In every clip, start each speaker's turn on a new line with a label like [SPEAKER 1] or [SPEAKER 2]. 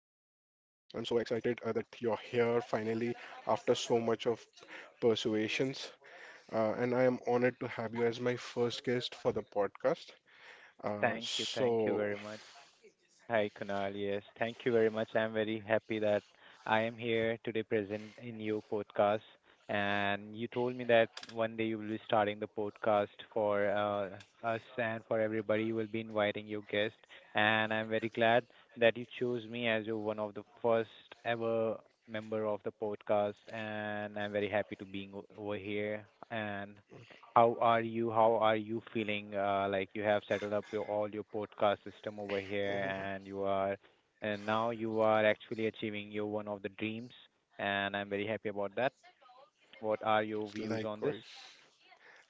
[SPEAKER 1] I'm so excited that you're here finally after so much of persuasions. And I am honored to have you as my first guest for the podcast. Uh,
[SPEAKER 2] Thank you. Thank you
[SPEAKER 1] so,
[SPEAKER 2] very much. Hi, Kunal. Yes, thank you very much. I'm very happy that I am here today present in your podcast. And you told me that one day you will be starting the podcast for us and for everybody. You will be inviting your guest. And I'm very glad that you chose me as your one of the first ever member of the podcast. And I'm very happy to being over here. And how are you? How are you feeling? Like you have settled up your, all your podcast system over here,
[SPEAKER 1] mhm,
[SPEAKER 2] and you are, and now you are actually achieving your one of the dreams, and I'm very happy about that. What are your views on this?
[SPEAKER 1] likewise.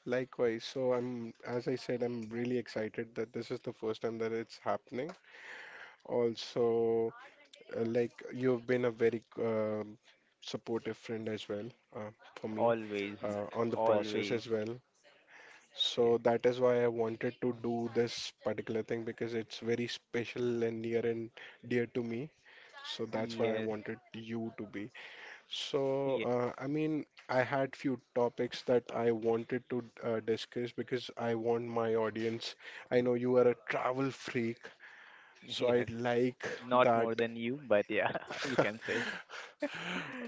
[SPEAKER 1] Likewise, so I'm, as I said, I'm really excited that this is the first time that it's happening. Also, like you've been a very supportive friend as well uh, for me
[SPEAKER 2] Always,
[SPEAKER 1] on the process
[SPEAKER 2] always,
[SPEAKER 1] as well. So
[SPEAKER 2] yes,
[SPEAKER 1] that is why I wanted to do this particular thing because it's very special and near and dear to me. So that's why I
[SPEAKER 2] yes,
[SPEAKER 1] wanted you to be. So
[SPEAKER 2] yes,
[SPEAKER 1] I mean, I had few topics that I wanted to discuss because I want my audience. I know you are a travel freak, so I
[SPEAKER 2] yes.
[SPEAKER 1] like
[SPEAKER 2] Not
[SPEAKER 1] that.
[SPEAKER 2] more than you, but yeah, you can say.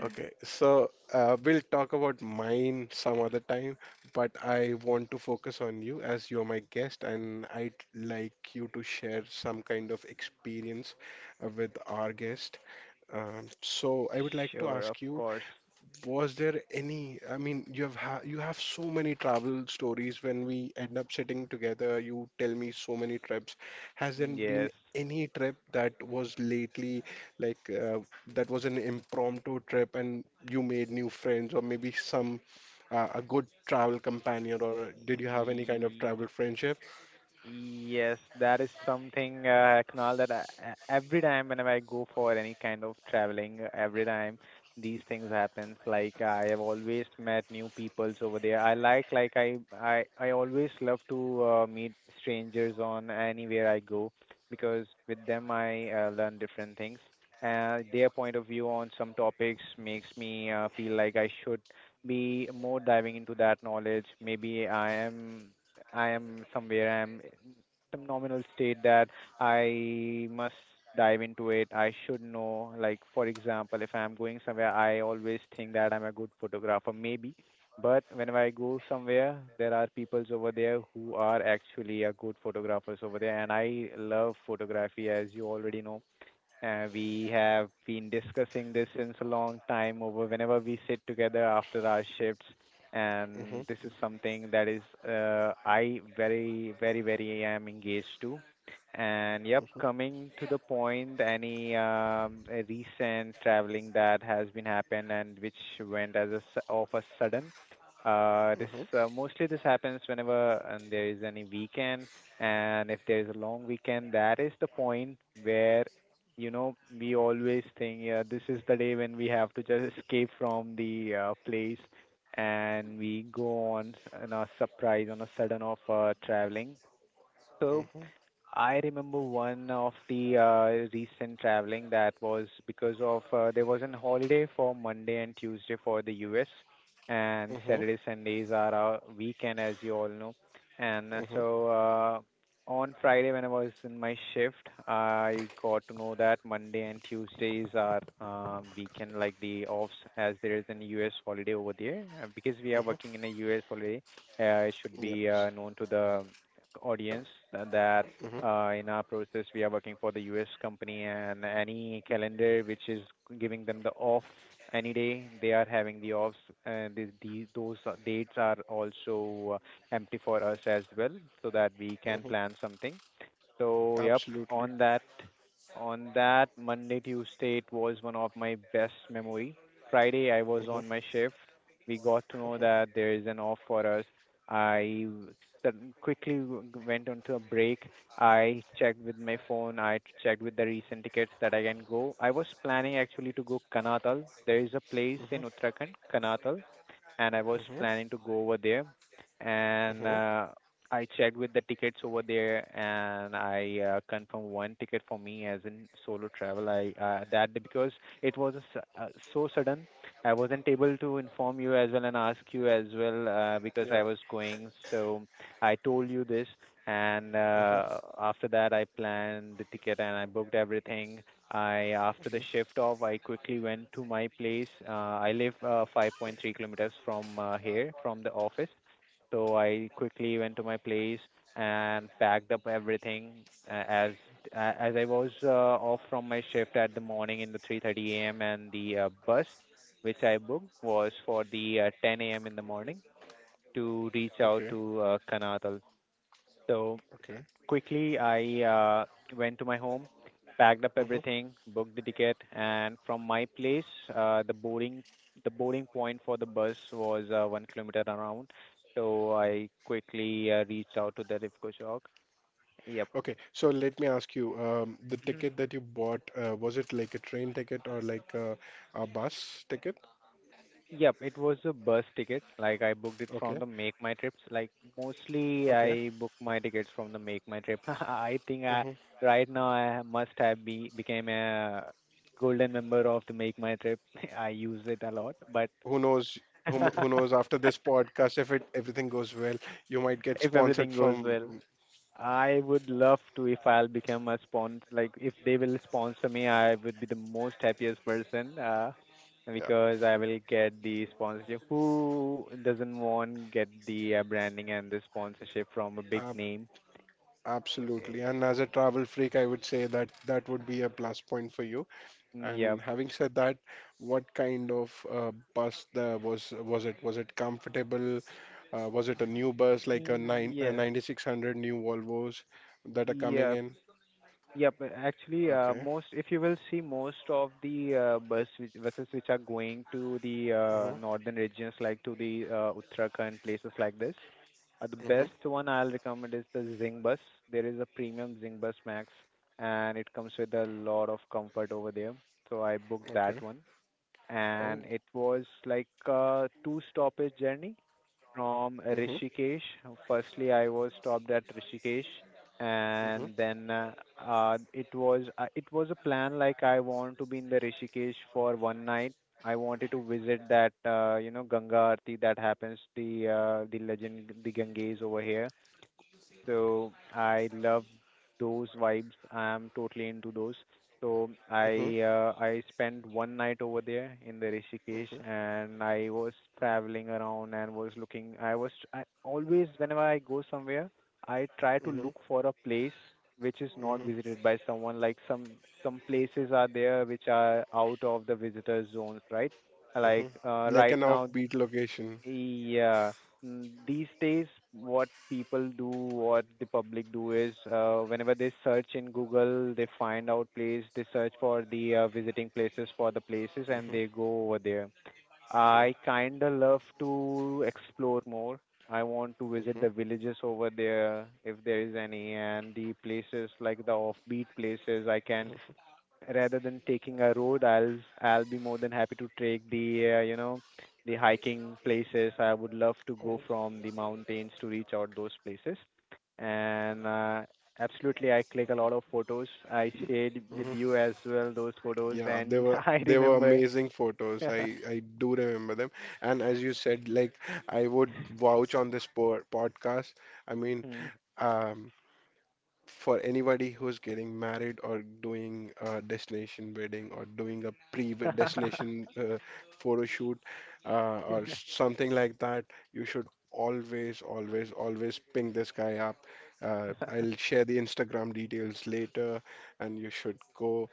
[SPEAKER 1] Okay, so we'll talk about mine some other time, but I want to focus on you as you're my guest, and I'd like you to share some kind of experience with our guest. So I would like to
[SPEAKER 2] Sure, of
[SPEAKER 1] ask you,
[SPEAKER 2] course.
[SPEAKER 1] was there any? I mean, you have so many travel stories. When we end up sitting together, you tell me so many trips. Has there been
[SPEAKER 2] Yes.
[SPEAKER 1] any trip that was lately like that was an impromptu trip and you made new friends, or maybe some a good travel companion, or did you have any kind of travel friendship?
[SPEAKER 2] Yes, that is something, Kunal, that every time whenever I go for any kind of traveling, every time these things happens, like I have always met new peoples over there. I like, like I always love to meet strangers on anywhere I go because with them I learn different things. Their point of view on some topics makes me feel like I should be more diving into that knowledge. Maybe I am somewhere, I am in some nominal state that I must dive into it. I should know. Like, for example, if I'm going somewhere, I always think that I'm a good photographer, maybe. But whenever I go somewhere, there are peoples over there who are actually a good photographers over there, and I love photography, as you already know. We have been discussing this since a long time over whenever we sit together after our shifts.
[SPEAKER 1] Mm-hmm,
[SPEAKER 2] And this is something that is I very, very, very am engaged to. And yep,
[SPEAKER 1] mm-hmm,
[SPEAKER 2] coming to the point, any recent traveling that has been happened and which went as a s of a sudden. This
[SPEAKER 1] mm-hmm,
[SPEAKER 2] Mostly this happens whenever and there is any weekend, and if there is a long weekend, that is the point where you know, we always think, yeah, this is the day when we have to just escape from the place and we go on on a surprise, on a sudden of traveling. So
[SPEAKER 1] mm-hmm,
[SPEAKER 2] I remember one of the recent traveling that was because of there was an holiday for Monday and Tuesday for the US, and
[SPEAKER 1] mm-hmm,
[SPEAKER 2] Saturday Sundays are our weekend, as you all know. And
[SPEAKER 1] mm-hmm,
[SPEAKER 2] so On Friday when I was in my shift, I got to know that Monday and Tuesdays are weekend, like the offs, as there is an US holiday over there. Because we are
[SPEAKER 1] mm-hmm.
[SPEAKER 2] working in a US holiday, it should be
[SPEAKER 1] Yes.
[SPEAKER 2] known to the audience that
[SPEAKER 1] Mm-hmm,
[SPEAKER 2] in our process, we are working for the US company, and any calendar which is giving them the off any day, they are having the offs, and those dates are also empty for us as well, so that we can
[SPEAKER 1] mm-hmm.
[SPEAKER 2] plan something. So yep,
[SPEAKER 1] Absolutely.
[SPEAKER 2] on that on that Monday, Tuesday, it was one of my best memory. Friday, I was
[SPEAKER 1] Mm-hmm,
[SPEAKER 2] on my shift. We got to know
[SPEAKER 1] mm-hmm,
[SPEAKER 2] that there is an off for us. I w- Quickly went onto a break. I checked with my phone. I checked with the recent tickets that I can go. I was planning actually to go Kanatal. There is a place
[SPEAKER 1] mm-hmm,
[SPEAKER 2] in Uttarakhand, Kanatal, and I was
[SPEAKER 1] mm-hmm.
[SPEAKER 2] planning to go over there. And
[SPEAKER 1] Mm-hmm.
[SPEAKER 2] I checked with the tickets over there, and I confirmed one ticket for me as in solo travel. I That because it was a so sudden, I wasn't able to inform you as well and ask you as well because I
[SPEAKER 1] Yeah.
[SPEAKER 2] was going. So I told you this, and
[SPEAKER 1] Hmm,
[SPEAKER 2] after that, I planned the ticket and I booked everything. I after the
[SPEAKER 1] hmm.
[SPEAKER 2] shift off, I quickly went to my place. I live 5.3 kilometers from here, from the office, so I quickly went to my place and packed up everything uh, as as I was off from my shift at the morning in the 3:30 a.m. and the bus which I booked was for the 10 a.m. in the morning to reach out
[SPEAKER 1] Okay.
[SPEAKER 2] to Kanatal. So
[SPEAKER 1] Okay.
[SPEAKER 2] quickly, I uh, went to my home, packed up
[SPEAKER 1] Hmm.
[SPEAKER 2] everything, booked the ticket, and from my place, uh, the boarding the boarding point for the bus was one kilometer around. So I quickly reached out to the Rifko Chowk.
[SPEAKER 1] Okay. So let me ask you, the
[SPEAKER 2] Yep.
[SPEAKER 1] ticket that you bought, was it like a train ticket or like a bus ticket?
[SPEAKER 2] Yep, it was a bus ticket. Like I booked it from
[SPEAKER 1] Okay.
[SPEAKER 2] the Make My Trips. Like mostly
[SPEAKER 1] Okay.
[SPEAKER 2] I book my tickets from the Make My Trip. I think I
[SPEAKER 1] Hmm.
[SPEAKER 2] right now I must have be became a golden member of the Make My Trip. I use it a lot, but
[SPEAKER 1] Who knows? Who, kn- who knows? After this podcast, if it everything goes well, you might get
[SPEAKER 2] if everything
[SPEAKER 1] sponsored
[SPEAKER 2] goes well,
[SPEAKER 1] from.
[SPEAKER 2] I would love to if I'll become a sponsor, like if they will sponsor me, I would be the most happiest person
[SPEAKER 1] Yeah.
[SPEAKER 2] because I will get the sponsorship. Who doesn't want get the branding and the sponsorship from a big
[SPEAKER 1] ab-
[SPEAKER 2] name?
[SPEAKER 1] absolutely.
[SPEAKER 2] Eh,
[SPEAKER 1] And
[SPEAKER 2] eh,
[SPEAKER 1] as a travel freak, I would say that that would be a plus point for you.
[SPEAKER 2] Yep.
[SPEAKER 1] And having said that, what kind of bus the was it? Was it comfortable? Was it a new bus like a nine a
[SPEAKER 2] Yes.
[SPEAKER 1] 9600 new Volvos that are coming
[SPEAKER 2] Yeah.
[SPEAKER 1] in?
[SPEAKER 2] Yep. Actually,
[SPEAKER 1] Okay.
[SPEAKER 2] most if you will see most of the buses which are going to the
[SPEAKER 1] Mhm.
[SPEAKER 2] northern regions, like to the Uttarakhand places like this, the
[SPEAKER 1] Mhm.
[SPEAKER 2] best one I'll recommend is the Zing bus. There is a premium Zing bus Max, and it comes with a lot of comfort over there. So I booked
[SPEAKER 1] Okay.
[SPEAKER 2] that one and
[SPEAKER 1] Oh.
[SPEAKER 2] it was like a two stoppage journey from
[SPEAKER 1] Mhm.
[SPEAKER 2] Rishikesh. Firstly, I was stopped at Rishikesh,
[SPEAKER 1] Mhm.
[SPEAKER 2] and then it was a plan like I want to be in the Rishikesh for one night. I wanted to visit that you know Ganga Aarti that happens the Ganges over here so I love those vibes. I am totally into those. So
[SPEAKER 1] Mhm.
[SPEAKER 2] I spent one night over there in the Rishikesh,
[SPEAKER 1] Mhm.
[SPEAKER 2] and I was traveling around and was looking. I always whenever I go somewhere, I try to
[SPEAKER 1] Mhm.
[SPEAKER 2] look for a place which is not
[SPEAKER 1] Mhm.
[SPEAKER 2] visited by someone. Like some places are there which are out of the visitors zones, right?
[SPEAKER 1] Mhm.
[SPEAKER 2] Like
[SPEAKER 1] Like
[SPEAKER 2] right
[SPEAKER 1] an
[SPEAKER 2] now
[SPEAKER 1] offbeat location.
[SPEAKER 2] yeah. Mm, these days, what people do, what the public do is, whenever they search in Google, they find out place, they search for the visiting places for the places, and
[SPEAKER 1] Mhm.
[SPEAKER 2] they go over there.
[SPEAKER 1] Yep.
[SPEAKER 2] I kinda love to explore more. I want to visit
[SPEAKER 1] Mhm.
[SPEAKER 2] the villages over there, if there is any, and the places like the offbeat places. I can rather than taking a road, I'll be more than happy to take the you know the hiking places. I would love to go
[SPEAKER 1] Oh.
[SPEAKER 2] from the mountains to reach out those places. And Absolutely, I click a lot of photos. I shared with
[SPEAKER 1] Mhm.
[SPEAKER 2] you as well those photos,
[SPEAKER 1] Yeah, they
[SPEAKER 2] and
[SPEAKER 1] were
[SPEAKER 2] I
[SPEAKER 1] they were
[SPEAKER 2] remember.
[SPEAKER 1] amazing photos. I do remember them. And as you said, like I would vouch on this po podcast. I mean,
[SPEAKER 2] Mm.
[SPEAKER 1] um, for anybody who's getting married or doing a destination wedding or doing a pre-destination photo shoot or something like that, you should always, always, always ping this guy up. I'll share the Instagram details later, and you should go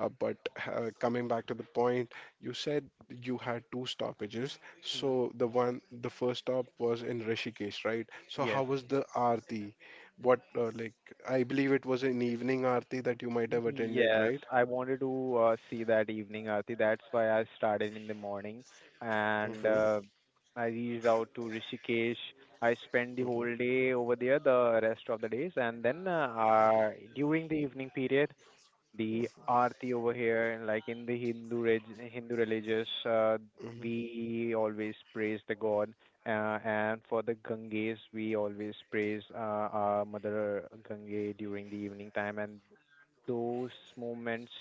[SPEAKER 1] but coming back to the point, you said you had two stoppages.
[SPEAKER 2] Mm.
[SPEAKER 1] So the first stop was in Rishikesh, right? So how
[SPEAKER 2] Yes.
[SPEAKER 1] was the aarti? What like I believe it was an evening aarti that you might have attended,
[SPEAKER 2] Yes,
[SPEAKER 1] right?
[SPEAKER 2] I wanted to see that evening Aarti. That's why I started in the morning and
[SPEAKER 1] Mm-hmm,
[SPEAKER 2] I reached out to Rishikesh. I spent the whole
[SPEAKER 1] mm-hmm,
[SPEAKER 2] day over there, the rest of the days, and then during the evening period, the Aarti over here, and like in the Hindu religious,
[SPEAKER 1] mm-hmm,
[SPEAKER 2] we always praise the God, and for the Ganges, we always praise our Mother Gange during the evening time, and those moments.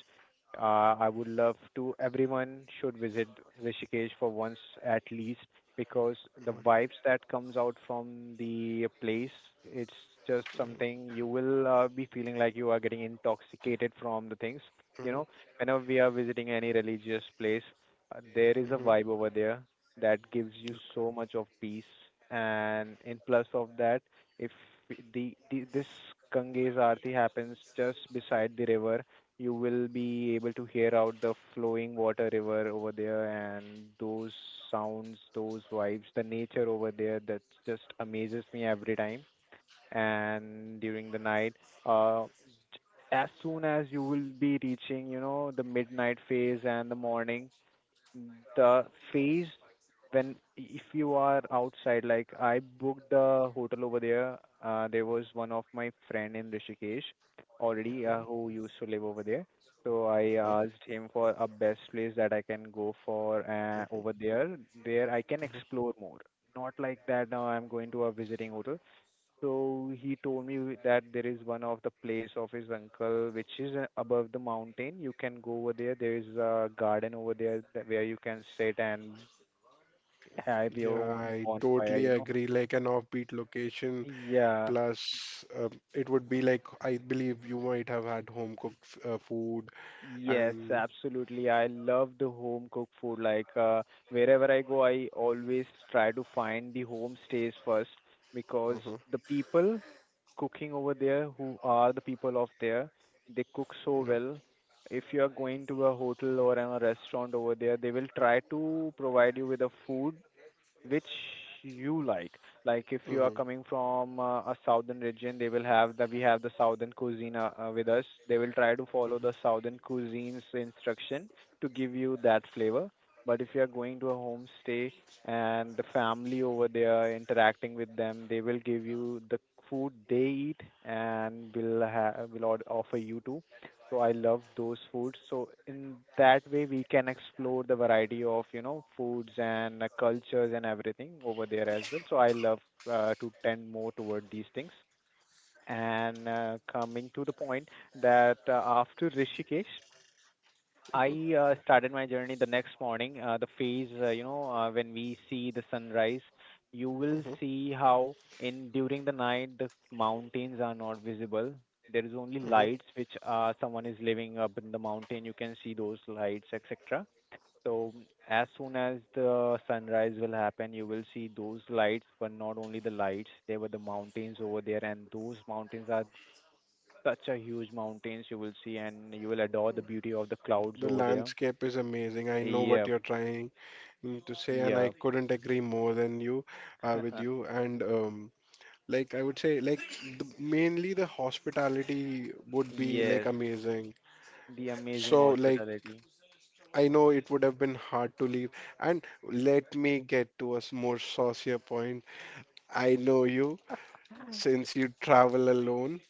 [SPEAKER 2] I would love to. Everyone should visit Rishikesh for once at least because the
[SPEAKER 1] mm-hmm,
[SPEAKER 2] vibes that comes out from the place, it's just something you will be feeling like you are getting intoxicated from the things.
[SPEAKER 1] mm-hmm,
[SPEAKER 2] You
[SPEAKER 1] mm-hmm,
[SPEAKER 2] know, whenever we are visiting any religious place, there is a
[SPEAKER 1] mm-hmm.
[SPEAKER 2] vibe over there that gives you so much of peace. And in plus of that, if the, the this Ganges Aarti happens just beside the river, you will be able to hear out the flowing water river over there and those sounds, those vibes, the nature over there that just amazes me every time. And during the night, uh, as soon as you will be reaching, you know, the midnight phase and the morning, the phase when if you are outside, like I booked the hotel over there. There was one of my friend in Rishikesh already, who used to live over there, so I asked him for a best place that I can go for over there where I can explore more, not like that now I'm going to a visiting hotel. So he told me that there is one of the place of his uncle which is above the mountain. You can go over there. There is a garden over there that where you can sit and have your
[SPEAKER 1] Yeah,
[SPEAKER 2] own
[SPEAKER 1] I
[SPEAKER 2] bonfire,
[SPEAKER 1] totally
[SPEAKER 2] you know.
[SPEAKER 1] agree. Like an offbeat location,
[SPEAKER 2] Yeah.
[SPEAKER 1] plus it would be like I believe you might have had home cooked food
[SPEAKER 2] Yes,
[SPEAKER 1] and.
[SPEAKER 2] absolutely. I love the home cooked food. Wherever I go, I always try to find the homestays first, because
[SPEAKER 1] Mm-hmm.
[SPEAKER 2] the people cooking over there who are the people of there, they cook so
[SPEAKER 1] Yep.
[SPEAKER 2] well. If you are going to a hotel or a restaurant over there, they will try to provide you with a food which you like. Like if you are
[SPEAKER 1] Hmm,
[SPEAKER 2] coming from a southern region, they will have the we have the southern cuisine with us, they will try to follow the
[SPEAKER 1] hmm,
[SPEAKER 2] southern cuisine's instruction to give you that flavor. But if you are going to a homestay and the family over there interacting with them, they will give you the food they eat and will offer you too. So I love those foods. So in that way, we can explore the variety of, you know, foods and cultures and everything over there as well. So I love to tend more toward these things. And coming to the point that after Rishikesh, I started my journey the next morning, the phase, you know, when we see the sunrise, you will see how in during the night the mountains are not visible. There is only
[SPEAKER 1] hmm.
[SPEAKER 2] lights which someone is living up in the mountain. You can see those lights, etc. So as soon as the sunrise will happen, you will see those lights, but not only the lights. There were the mountains over there, and those mountains are such a huge mountains you will see, and you will adore the beauty of the clouds
[SPEAKER 1] The
[SPEAKER 2] over there.
[SPEAKER 1] landscape is amazing. I know what
[SPEAKER 2] Yep,
[SPEAKER 1] you're trying to say, and I
[SPEAKER 2] yep.
[SPEAKER 1] couldn't agree more than you with you. And like I would say, like the, mainly the hospitality would be like
[SPEAKER 2] Yes,
[SPEAKER 1] amazing.
[SPEAKER 2] the amazing
[SPEAKER 1] So like
[SPEAKER 2] hospitality.
[SPEAKER 1] I know it would have been hard to leave. And let me get to a more saucier point. I know you since you travel alone,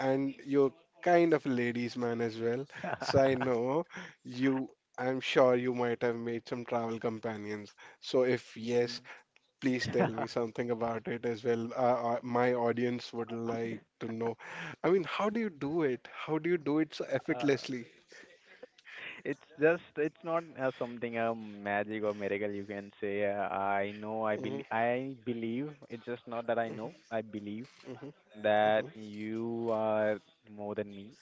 [SPEAKER 1] and you're kind of a ladies' man as well. So I know you, I'm sure you might have made some travel companions. So if
[SPEAKER 2] Mm.
[SPEAKER 1] yes, please tell me something about it as well. My audience would like to know. I mean, how do you do it? How do you do it so
[SPEAKER 2] Uh,
[SPEAKER 1] effortlessly?
[SPEAKER 2] It's just, it's not something a magic or miracle you can say. I know,
[SPEAKER 1] Mhm,
[SPEAKER 2] I believe. It's just not that I know. I believe
[SPEAKER 1] mhm, mhm,
[SPEAKER 2] that
[SPEAKER 1] mhm.
[SPEAKER 2] you are more than me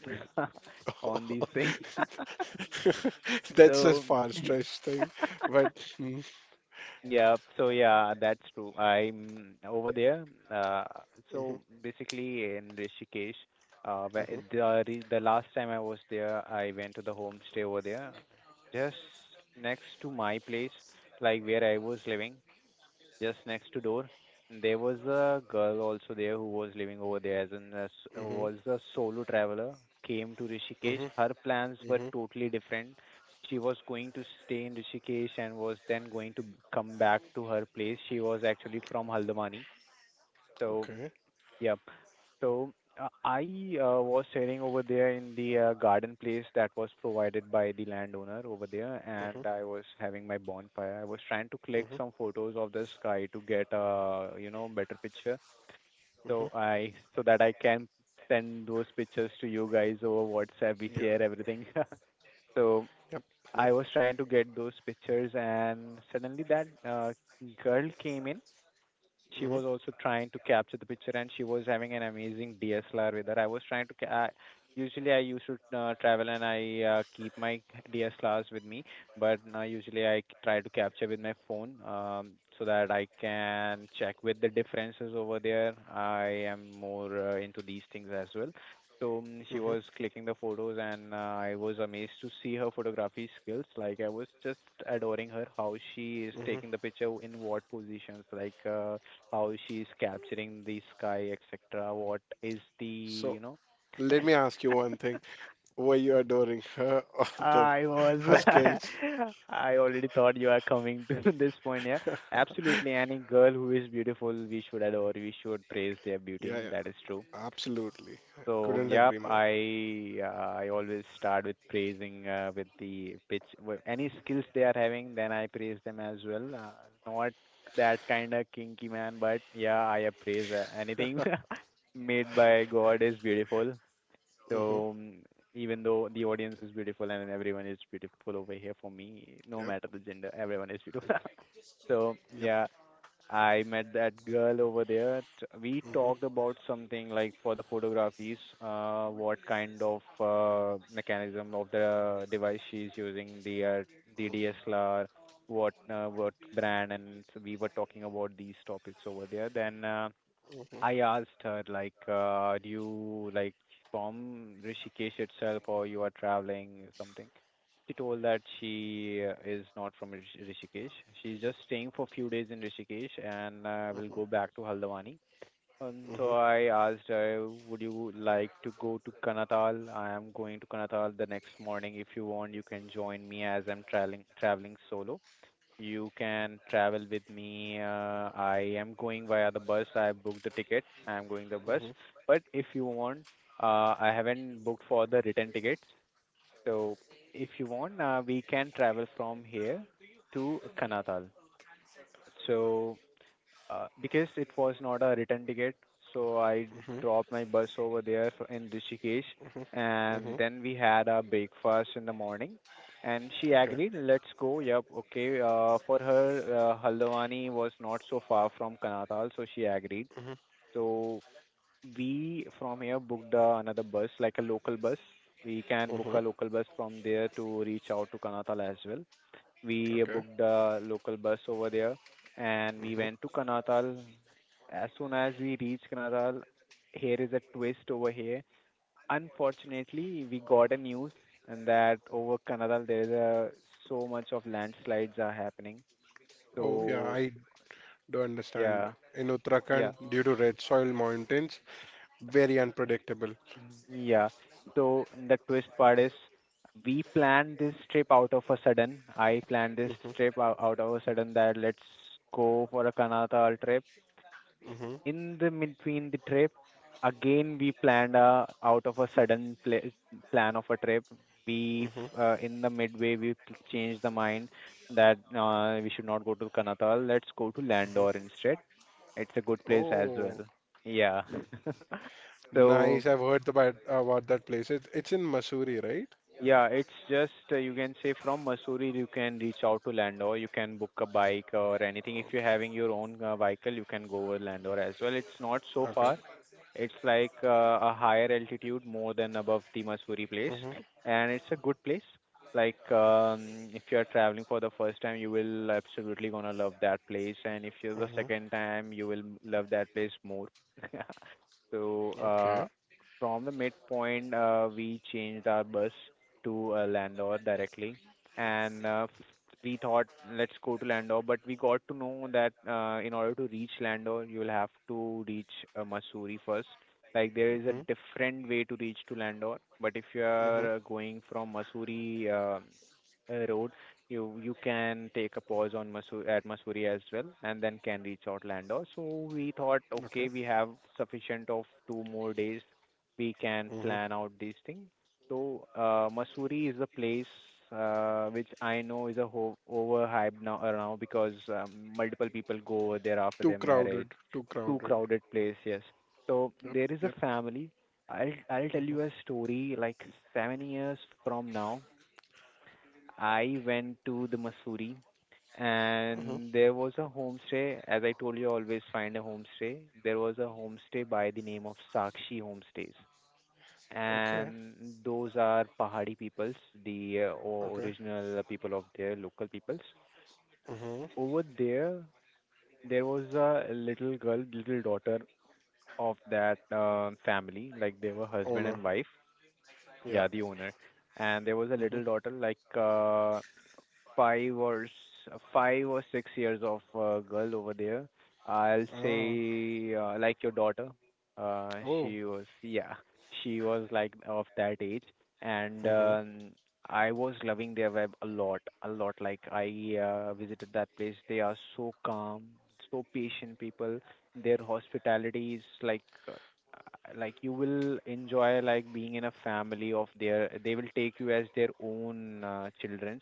[SPEAKER 2] on these things.
[SPEAKER 1] That's a
[SPEAKER 2] So
[SPEAKER 1] far-stretched thing, but mhm,
[SPEAKER 2] Yeah, so yeah, that's true. I'm over there.
[SPEAKER 1] mhm,
[SPEAKER 2] So basically in Rishikesh,
[SPEAKER 1] mhm,
[SPEAKER 2] the last time I was there, I went to the homestay over there, just next to my place, like where I was living, just next to door. And there was a girl also there who was living over there as an as
[SPEAKER 1] mhm,
[SPEAKER 2] was a solo traveler, came to Rishikesh.
[SPEAKER 1] mhm,
[SPEAKER 2] Her plans were
[SPEAKER 1] mhm.
[SPEAKER 2] totally different. She was going to stay in Rishikesh and was then going to come back to her place. She was actually from Haldwani. So
[SPEAKER 1] Okay.
[SPEAKER 2] yeah. So I was staying over there in the garden place that was provided by the landowner over there, and I was having my bonfire. I was trying to click
[SPEAKER 1] Mm-hmm.
[SPEAKER 2] some photos of the sky to get a, you know, better picture, so I so that I can send those pictures to you guys over WhatsApp. We
[SPEAKER 1] Yeah.
[SPEAKER 2] share everything. So
[SPEAKER 1] Yep. Yep.
[SPEAKER 2] I was trying to get those pictures, and suddenly that girl came in. She
[SPEAKER 1] Hmm,
[SPEAKER 2] was also trying to capture the picture and she was having an amazing DSLR with her. I was trying to usually I used to travel and I keep my DSLRs with me, but now usually I try to capture with my phone, so that I can check with the differences over there. I am more into these things as well. So she
[SPEAKER 1] hmm,
[SPEAKER 2] was clicking the photos and I was amazed to see her photography skills. Like I was just adoring her, how she is
[SPEAKER 1] hmm.
[SPEAKER 2] taking the picture in what positions. How she's capturing the sky, etc. What is the,
[SPEAKER 1] So
[SPEAKER 2] you know,
[SPEAKER 1] let me ask you one thing. Were you adoring her or the
[SPEAKER 2] I was,
[SPEAKER 1] her skills?
[SPEAKER 2] I already thought you are coming to this point. Yeah, absolutely. Any girl who is beautiful, we should adore, we should praise their beauty.
[SPEAKER 1] Yeah, yeah.
[SPEAKER 2] That is true.
[SPEAKER 1] Absolutely.
[SPEAKER 2] So
[SPEAKER 1] Couldn't
[SPEAKER 2] yep,
[SPEAKER 1] agree more.
[SPEAKER 2] I always start with praising with the pitch with any skills they are having, then I praise them as well. Not that kind of kinky man, but yeah, I appraise anything made by God is beautiful.
[SPEAKER 1] Hmm.
[SPEAKER 2] So even though the audience is beautiful and everyone is beautiful over here for me, no
[SPEAKER 1] Yep.
[SPEAKER 2] matter the gender, everyone is beautiful. So
[SPEAKER 1] Yep.
[SPEAKER 2] yeah, I met that girl over there. We talked
[SPEAKER 1] Hmm,
[SPEAKER 2] about something like for the photographies, what kind of mechanism of the device she's using, the
[SPEAKER 1] hmm,
[SPEAKER 2] DSLR, what brand, and so we were talking about these topics over there. Then I
[SPEAKER 1] hmm,
[SPEAKER 2] asked her like, do you like from Rishikesh itself or you are traveling something? She told that she is not from Rishikesh. She's just staying for a few days in Rishikesh and will
[SPEAKER 1] hmm,
[SPEAKER 2] go back to Haldwani. And so I asked her, would you like to go to Kanatal? I am going to Kanatal the next morning. If you want, you can join me as I'm traveling solo, you can travel with me. I am going via the bus. I have booked the ticket. I am going the bus.
[SPEAKER 1] hmm,
[SPEAKER 2] But if you want, I haven't booked for the return tickets. So if you want, we can travel from here to Kanatal. So because it was not a return ticket, so I
[SPEAKER 1] hmm,
[SPEAKER 2] dropped my bus over there in Rishikesh,
[SPEAKER 1] hmm,
[SPEAKER 2] and
[SPEAKER 1] hmm.
[SPEAKER 2] then we had a breakfast in the morning. And she
[SPEAKER 1] Okay.
[SPEAKER 2] agreed, let's go. Yep, okay. For her, Haldwani was not so far from Kanatal, so she agreed.
[SPEAKER 1] Hmm,
[SPEAKER 2] So we from here booked another bus, like a local bus. We can book
[SPEAKER 1] hmm.
[SPEAKER 2] a local bus from there to reach out to Kanatal as well. We
[SPEAKER 1] Okay.
[SPEAKER 2] booked a local bus over there and we
[SPEAKER 1] Hmm.
[SPEAKER 2] went to Kanatal. As soon as we reached Kanatal, here is a twist over here. Unfortunately, we got a news and that over Kanatal there is a, so much of landslides are happening.
[SPEAKER 1] Oh yeah,
[SPEAKER 2] So
[SPEAKER 1] I do understand.
[SPEAKER 2] yeah,
[SPEAKER 1] In
[SPEAKER 2] yeah,
[SPEAKER 1] Uttarakhand, due to red soil mountains, very unpredictable.
[SPEAKER 2] mhm, yeah. So the twist part is we planned this trip out of a sudden. I planned this
[SPEAKER 1] Hmm,
[SPEAKER 2] trip out of a sudden that let's go for a Kanatal trip. In the between the trip, again we planned a out of a sudden plan of a trip. We
[SPEAKER 1] hmm, hmm.
[SPEAKER 2] in the midway we changed the mind that we should not go to Kanatal, let's go to Landor instead. It's a good place as
[SPEAKER 1] Oh,
[SPEAKER 2] well. Yeah. So
[SPEAKER 1] nice. I've heard about that place. It's in Missouri, right?
[SPEAKER 2] yeah, it's just you can say from Mussoorie you can reach out to Landor. You can book a bike or anything. If you're having your own vehicle, you can go with Landor as well. It's not so
[SPEAKER 1] Okay.
[SPEAKER 2] far. It's like a higher altitude, more than above the Mussoorie place,
[SPEAKER 1] Mhm.
[SPEAKER 2] and it's a good place. Like if you're traveling for the first time, you will absolutely gonna love that place, and if you're the
[SPEAKER 1] Mhm.
[SPEAKER 2] second time, you will love that place more. So
[SPEAKER 1] Okay.
[SPEAKER 2] from the midpoint, we changed our bus to Landor directly, and we thought let's go to Landor, but we got to know that in order to reach Landor, you will have to reach Mussoorie first. Like there is a
[SPEAKER 1] Mhm.
[SPEAKER 2] different way to reach to Landor, but if you
[SPEAKER 1] Mhm.
[SPEAKER 2] are going from Mussoorie road, you can take a pause on Mussoorie as well, and then can reach out Landor. So we thought,
[SPEAKER 1] Okay.
[SPEAKER 2] okay, we have sufficient of two more days. We can
[SPEAKER 1] Mhm.
[SPEAKER 2] plan out these thing. So, Mussoorie is a place which I know is a overhyped now, now because multiple people go over there after
[SPEAKER 1] Too
[SPEAKER 2] their marriage.
[SPEAKER 1] crowded. Too
[SPEAKER 2] Too
[SPEAKER 1] crowded.
[SPEAKER 2] crowded place, yes. So
[SPEAKER 1] Yep.
[SPEAKER 2] there is a
[SPEAKER 1] Yep.
[SPEAKER 2] family. I'll tell
[SPEAKER 1] Mhm.
[SPEAKER 2] you a story. Like 7 years from now, I went to the Mussoorie,
[SPEAKER 1] Mhm.
[SPEAKER 2] and there was a homestay. As I told you, always find a homestay. There was a homestay by the name of Sakshi Homestays,
[SPEAKER 1] Okay.
[SPEAKER 2] and those are Pahari peoples, the
[SPEAKER 1] Okay.
[SPEAKER 2] original people of their local peoples.
[SPEAKER 1] Mhm.
[SPEAKER 2] Over there, there was a little girl, little daughter of that family, like they were husband
[SPEAKER 1] Owner.
[SPEAKER 2] and wife,
[SPEAKER 1] Yeah.
[SPEAKER 2] yeah, the owner. And there was a
[SPEAKER 1] Mhm.
[SPEAKER 2] little daughter, like 5 or 6 years of girl over there. I'll
[SPEAKER 1] Ah.
[SPEAKER 2] say like your daughter.
[SPEAKER 1] Oh.
[SPEAKER 2] She was, yeah, she was like of that age, and
[SPEAKER 1] Mhm.
[SPEAKER 2] I was loving their web a lot, a lot. Like I visited that place. They are so calm, so patient people. Their hospitality is like you will enjoy like being in a family of their they will take you as their own children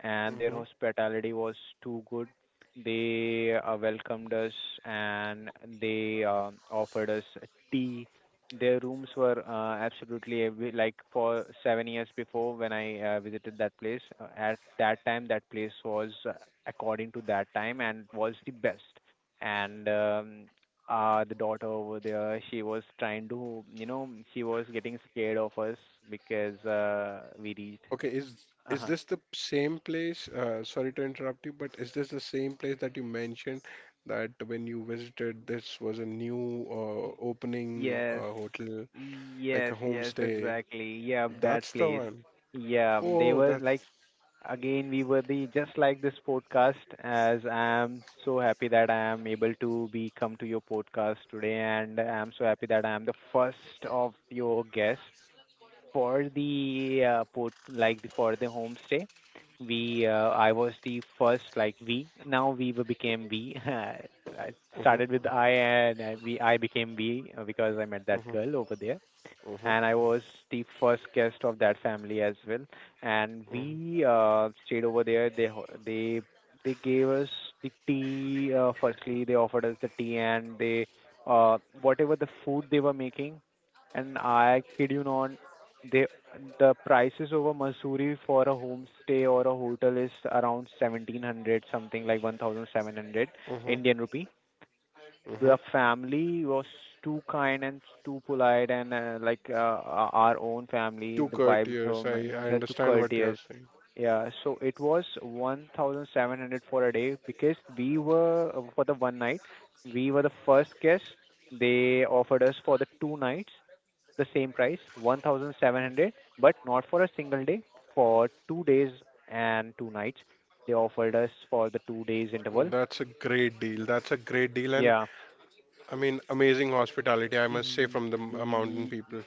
[SPEAKER 2] and their
[SPEAKER 1] Mhm.
[SPEAKER 2] hospitality was too good. They welcomed us and they offered us tea. Their rooms were absolutely every, like for 7 years before when I visited that place. At that time, that place was according to that time and was the best. And the daughter over there she was trying to she was getting scared of us because we reached
[SPEAKER 1] Okay, is
[SPEAKER 2] uh-huh.
[SPEAKER 1] this the same place? Sorry to interrupt you, but is this the same place that you mentioned that when you visited, this was a new
[SPEAKER 2] Y-
[SPEAKER 1] opening
[SPEAKER 2] Yes,
[SPEAKER 1] hotel, like
[SPEAKER 2] yes,
[SPEAKER 1] a
[SPEAKER 2] yes,
[SPEAKER 1] homestay?
[SPEAKER 2] exactly. Yeah, that
[SPEAKER 1] That's the
[SPEAKER 2] place.
[SPEAKER 1] one.
[SPEAKER 2] Yeah, they
[SPEAKER 1] Oh,
[SPEAKER 2] were
[SPEAKER 1] that's
[SPEAKER 2] like again we were the just like this podcast as I am so happy that I am able to be come to your podcast today, and I am so happy that I am the first of your guest for the port like for the homestay, we I was the first like we now we became we I
[SPEAKER 1] Uh Uh
[SPEAKER 2] started with I and I, we I became we because I met
[SPEAKER 1] Uh
[SPEAKER 2] that
[SPEAKER 1] huh.
[SPEAKER 2] girl over there,
[SPEAKER 1] Huh. Huh.
[SPEAKER 2] and I was the first guest of that family as well. And
[SPEAKER 1] Uh huh.
[SPEAKER 2] we stayed over there. They gave us the tea. Firstly, they offered us the tea, and they whatever the food they were making. And I kid you not, they the prices over Missouri for a homestay or a hotel is around 1700, something like 1,700
[SPEAKER 1] Uh huh.
[SPEAKER 2] Indian rupee.
[SPEAKER 1] Uh huh.
[SPEAKER 2] The family was too kind and too polite and our own family,
[SPEAKER 1] Two
[SPEAKER 2] the vibes
[SPEAKER 1] courtiers.
[SPEAKER 2] um,
[SPEAKER 1] I
[SPEAKER 2] They're too
[SPEAKER 1] understand what you're
[SPEAKER 2] courteous,
[SPEAKER 1] saying.
[SPEAKER 2] yeah, so it was 1700 for a day because we were for the one night. We were the first guest. They offered us for the two nights the same price, 1700, but not for a single day, for 2 days and two nights. They offered us for the 2 days
[SPEAKER 1] Oh,
[SPEAKER 2] interval.
[SPEAKER 1] that's a great deal. That's a great deal, and
[SPEAKER 2] Yeah.
[SPEAKER 1] I mean amazing hospitality, I must say,
[SPEAKER 2] Y-
[SPEAKER 1] from the mountain people.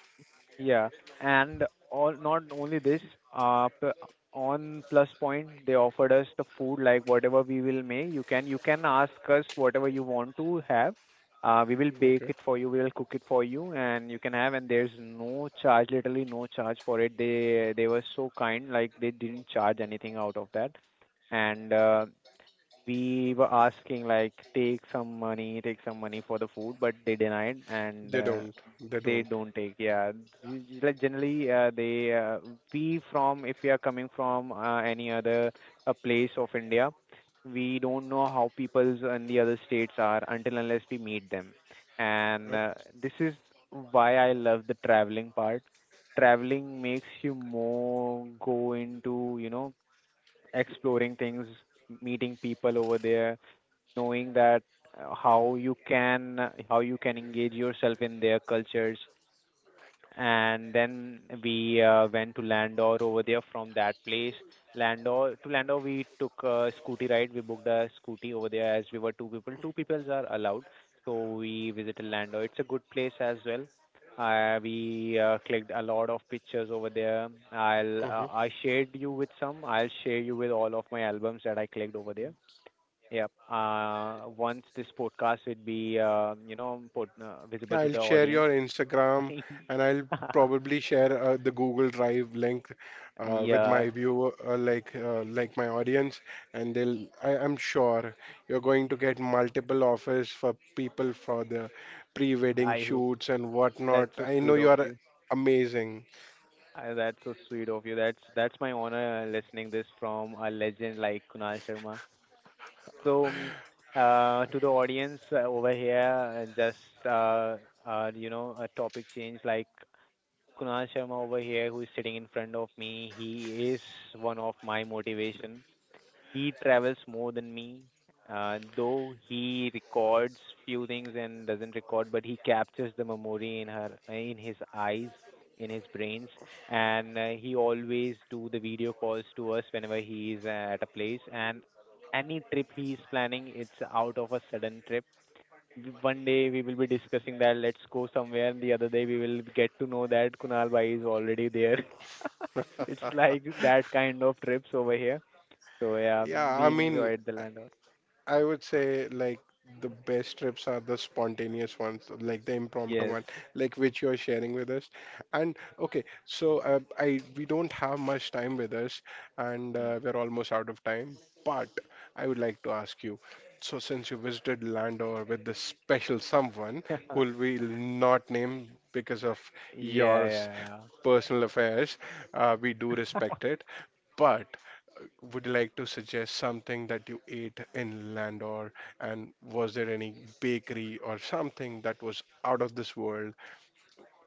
[SPEAKER 2] Yeah, and all not only this, uh, p- on Plus Point they offered us the food like whatever we will make. You can ask us whatever you want to have. We will bake
[SPEAKER 1] Okay,
[SPEAKER 2] it for you. We will cook it for you, and you can have. And there's no charge, literally no charge for it. They were so kind, like they didn't charge anything out of that. And we were asking like take some money, take some money for the food, but they denied, and
[SPEAKER 1] they don't. They
[SPEAKER 2] they
[SPEAKER 1] don't.
[SPEAKER 2] don't take, yeah. Like generally they we from if we are coming from any other place of india, we don't know how peoples in the other states are until unless we meet them, and this is why I love the traveling part. Traveling makes you more go into exploring things, meeting people over there, knowing that how you can engage yourself in their cultures, and then we went to Landor over there from that place. Landor to Landor, we took a scooty ride. We booked a scooty over there as we were two people. Two people are allowed, so we visited Landor. It's a good place as well. We clicked a lot of pictures over there. I'll uh,
[SPEAKER 1] Yep.
[SPEAKER 2] I shared you with some. I'll share you with all of my albums that I clicked over there. Yep. Once this podcast would be put, visible to
[SPEAKER 1] I'll
[SPEAKER 2] the
[SPEAKER 1] share
[SPEAKER 2] audience.
[SPEAKER 1] your Instagram and I'll probably share the Google Drive link with
[SPEAKER 2] Yeah,
[SPEAKER 1] my viewer, like my audience, and they'll. I'm sure you're going to get multiple offers for people for the pre-wedding
[SPEAKER 2] I hope
[SPEAKER 1] shoots and
[SPEAKER 2] that's
[SPEAKER 1] whatnot.
[SPEAKER 2] so
[SPEAKER 1] I know
[SPEAKER 2] sweet
[SPEAKER 1] you
[SPEAKER 2] of
[SPEAKER 1] are
[SPEAKER 2] you.
[SPEAKER 1] amazing.
[SPEAKER 2] That's so sweet of you. That's my honor listening this from a legend like Kunal Sharma. So, to the audience over here, a topic change like Kunal Sharma over here, who is sitting in front of me. He is one of my motivation. He travels more than me, though he records few things and doesn't record, but he captures the memory in her, in his eyes, in his brains, and he always do the video calls to us whenever he is at a place. And any trip he is planning, it's out of a sudden trip. One day we will be discussing that let's go somewhere, and the other day we will get to know that Kunal Bhai is already there. It's like that kind of trips over here. So yeah,
[SPEAKER 1] Yeah, I
[SPEAKER 2] we
[SPEAKER 1] mean.
[SPEAKER 2] enjoyed the landlord.
[SPEAKER 1] I would say like the best trips are the spontaneous ones, like the impromptu
[SPEAKER 2] Yes.
[SPEAKER 1] one, like which you're sharing with us. And okay, so I we don't have much time with us, and
[SPEAKER 2] Mm.
[SPEAKER 1] we're almost out of time. But I would like to ask you. So since you visited Landor with this special someone who we'll not name because of
[SPEAKER 2] Yeah,
[SPEAKER 1] your
[SPEAKER 2] yeah,
[SPEAKER 1] personal affairs, we do
[SPEAKER 2] yeah.
[SPEAKER 1] respect it. But would you like to suggest something that you ate in Landor? And was there any bakery or something that was out of this world?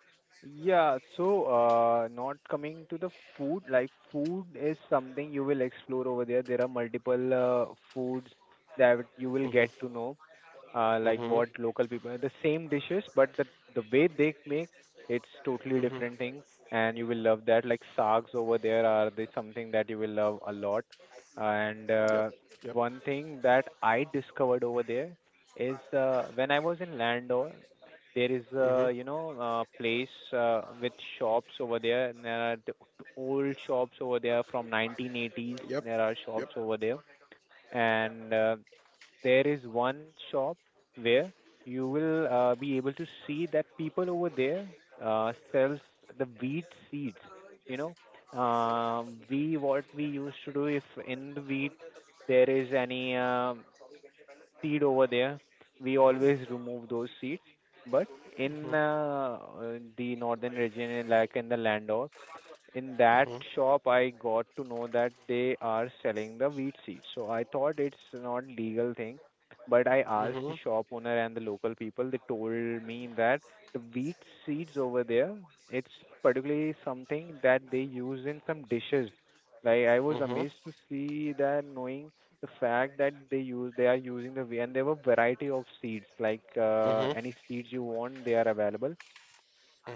[SPEAKER 2] Yeah, so not coming to the food, like food is something you will explore over there. There are multiple foods that you will
[SPEAKER 1] Mm-hmm,
[SPEAKER 2] get to know. Like
[SPEAKER 1] mm-hmm,
[SPEAKER 2] what local people the same dishes, but the way they make, it's totally different
[SPEAKER 1] mm-hmm.
[SPEAKER 2] thing, and you will love that like sags over there are the something that you will love a lot, and
[SPEAKER 1] Yep, yep,
[SPEAKER 2] one thing that I discovered over there is when I was in landor, there is
[SPEAKER 1] mm-hmm,
[SPEAKER 2] a a place with shops over there, and there are the old shops over there from 1980s.
[SPEAKER 1] yep,
[SPEAKER 2] There are
[SPEAKER 1] yep.
[SPEAKER 2] shops over there, and there is one shop where you will be able to see that people over there sells the wheat seeds. You know, we what we used to do if in the wheat there is any seed over there, we always remove those seeds. But
[SPEAKER 1] Mm-hmm,
[SPEAKER 2] in the northern region, like in the Landor, in that
[SPEAKER 1] mm-hmm,
[SPEAKER 2] shop I got to know that they are selling the wheat seeds. So I thought it's not legal thing, but I asked
[SPEAKER 1] mm-hmm,
[SPEAKER 2] the shop owner and the local people. They told me that the wheat seeds over there, it's particularly something that they use in some dishes. Like I was amazed to see that knowing the fact that they use they are using the wheat, and there were variety of seeds like
[SPEAKER 1] mm-hmm,
[SPEAKER 2] any seeds you want they are available.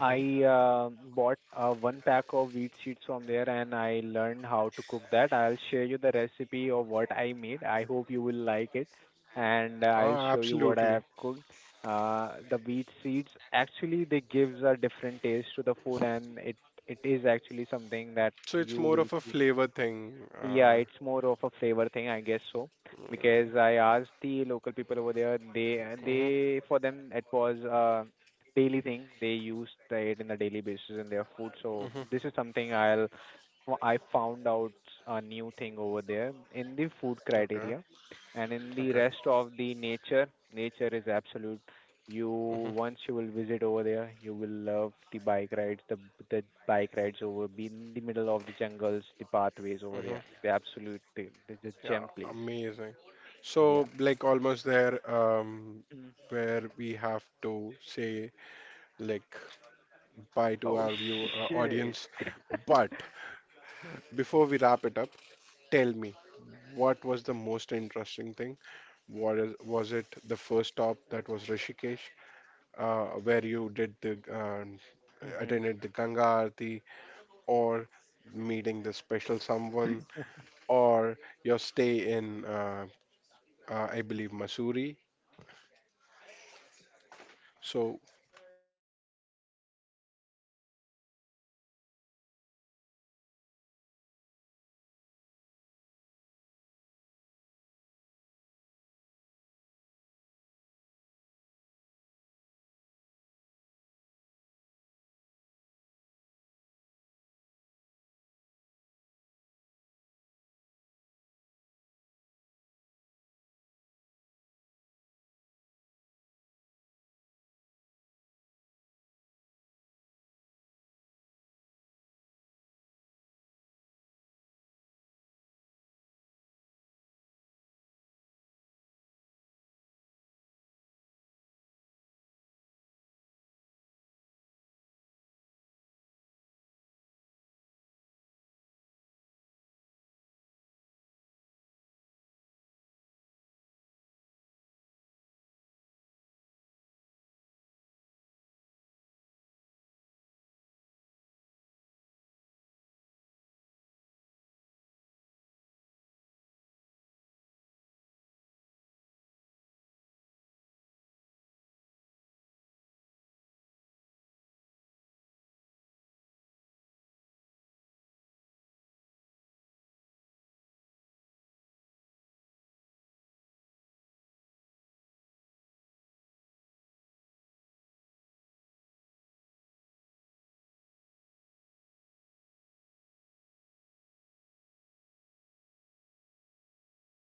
[SPEAKER 2] I bought one pack of wheat seeds from there, and I learned how to cook that. I'll share you the recipe of what I made. I hope you will like it, and
[SPEAKER 1] Oh,
[SPEAKER 2] I'll show you what I
[SPEAKER 1] absolutely.
[SPEAKER 2] have cooked. The wheat seeds actually they gives a different taste to the food, and it is actually something that
[SPEAKER 1] So it's
[SPEAKER 2] you
[SPEAKER 1] more
[SPEAKER 2] will
[SPEAKER 1] of a
[SPEAKER 2] feel.
[SPEAKER 1] flavor thing.
[SPEAKER 2] Yeah, it's more of a flavor thing, I guess so,
[SPEAKER 1] Mm-hmm,
[SPEAKER 2] because I asked the local people over there. They and they for them it was a daily thing. They used it in a daily basis in their food. So
[SPEAKER 1] mm-hmm.
[SPEAKER 2] this is something I'll I found out a new thing over there in the food
[SPEAKER 1] Okay,
[SPEAKER 2] criteria, and in the
[SPEAKER 1] okay.
[SPEAKER 2] rest of the nature, nature is absolute. You once you will visit over there, you will love the bike rides over be in the middle of the jungles, the pathways over
[SPEAKER 1] Mm-hmm.
[SPEAKER 2] there. The absolute thing. The
[SPEAKER 1] Yeah,
[SPEAKER 2] gem place.
[SPEAKER 1] amazing.
[SPEAKER 2] Yeah.
[SPEAKER 1] So, like, almost there,
[SPEAKER 2] Mm.
[SPEAKER 1] where we have to say, like, bye to
[SPEAKER 2] Oh
[SPEAKER 1] our view
[SPEAKER 2] shit.
[SPEAKER 1] audience. But before we wrap it up, tell me, what was the most interesting thing? Was it the first stop that was Rishikesh, where you did the
[SPEAKER 2] Mhm.
[SPEAKER 1] attended the Ganga Aarti, or meeting the special someone, or your stay in, I believe, Missouri? So,
[SPEAKER 2] Yep.
[SPEAKER 1] wow, which one is
[SPEAKER 2] Okay.
[SPEAKER 1] it?
[SPEAKER 2] Yeah. So the best moment over there of me was when I went to the Rishikesh place uh, during the midnight. Before coming to that that you know that place over there where I was staying, I stayed at the Ganga Aarti where Ganga Aarti was happening in that place. I was sitting on the stairs of the just beside of the Ganges, and over there I was just watching out the river flowing, and I was too amazed to see that, and it was a peaceful moment.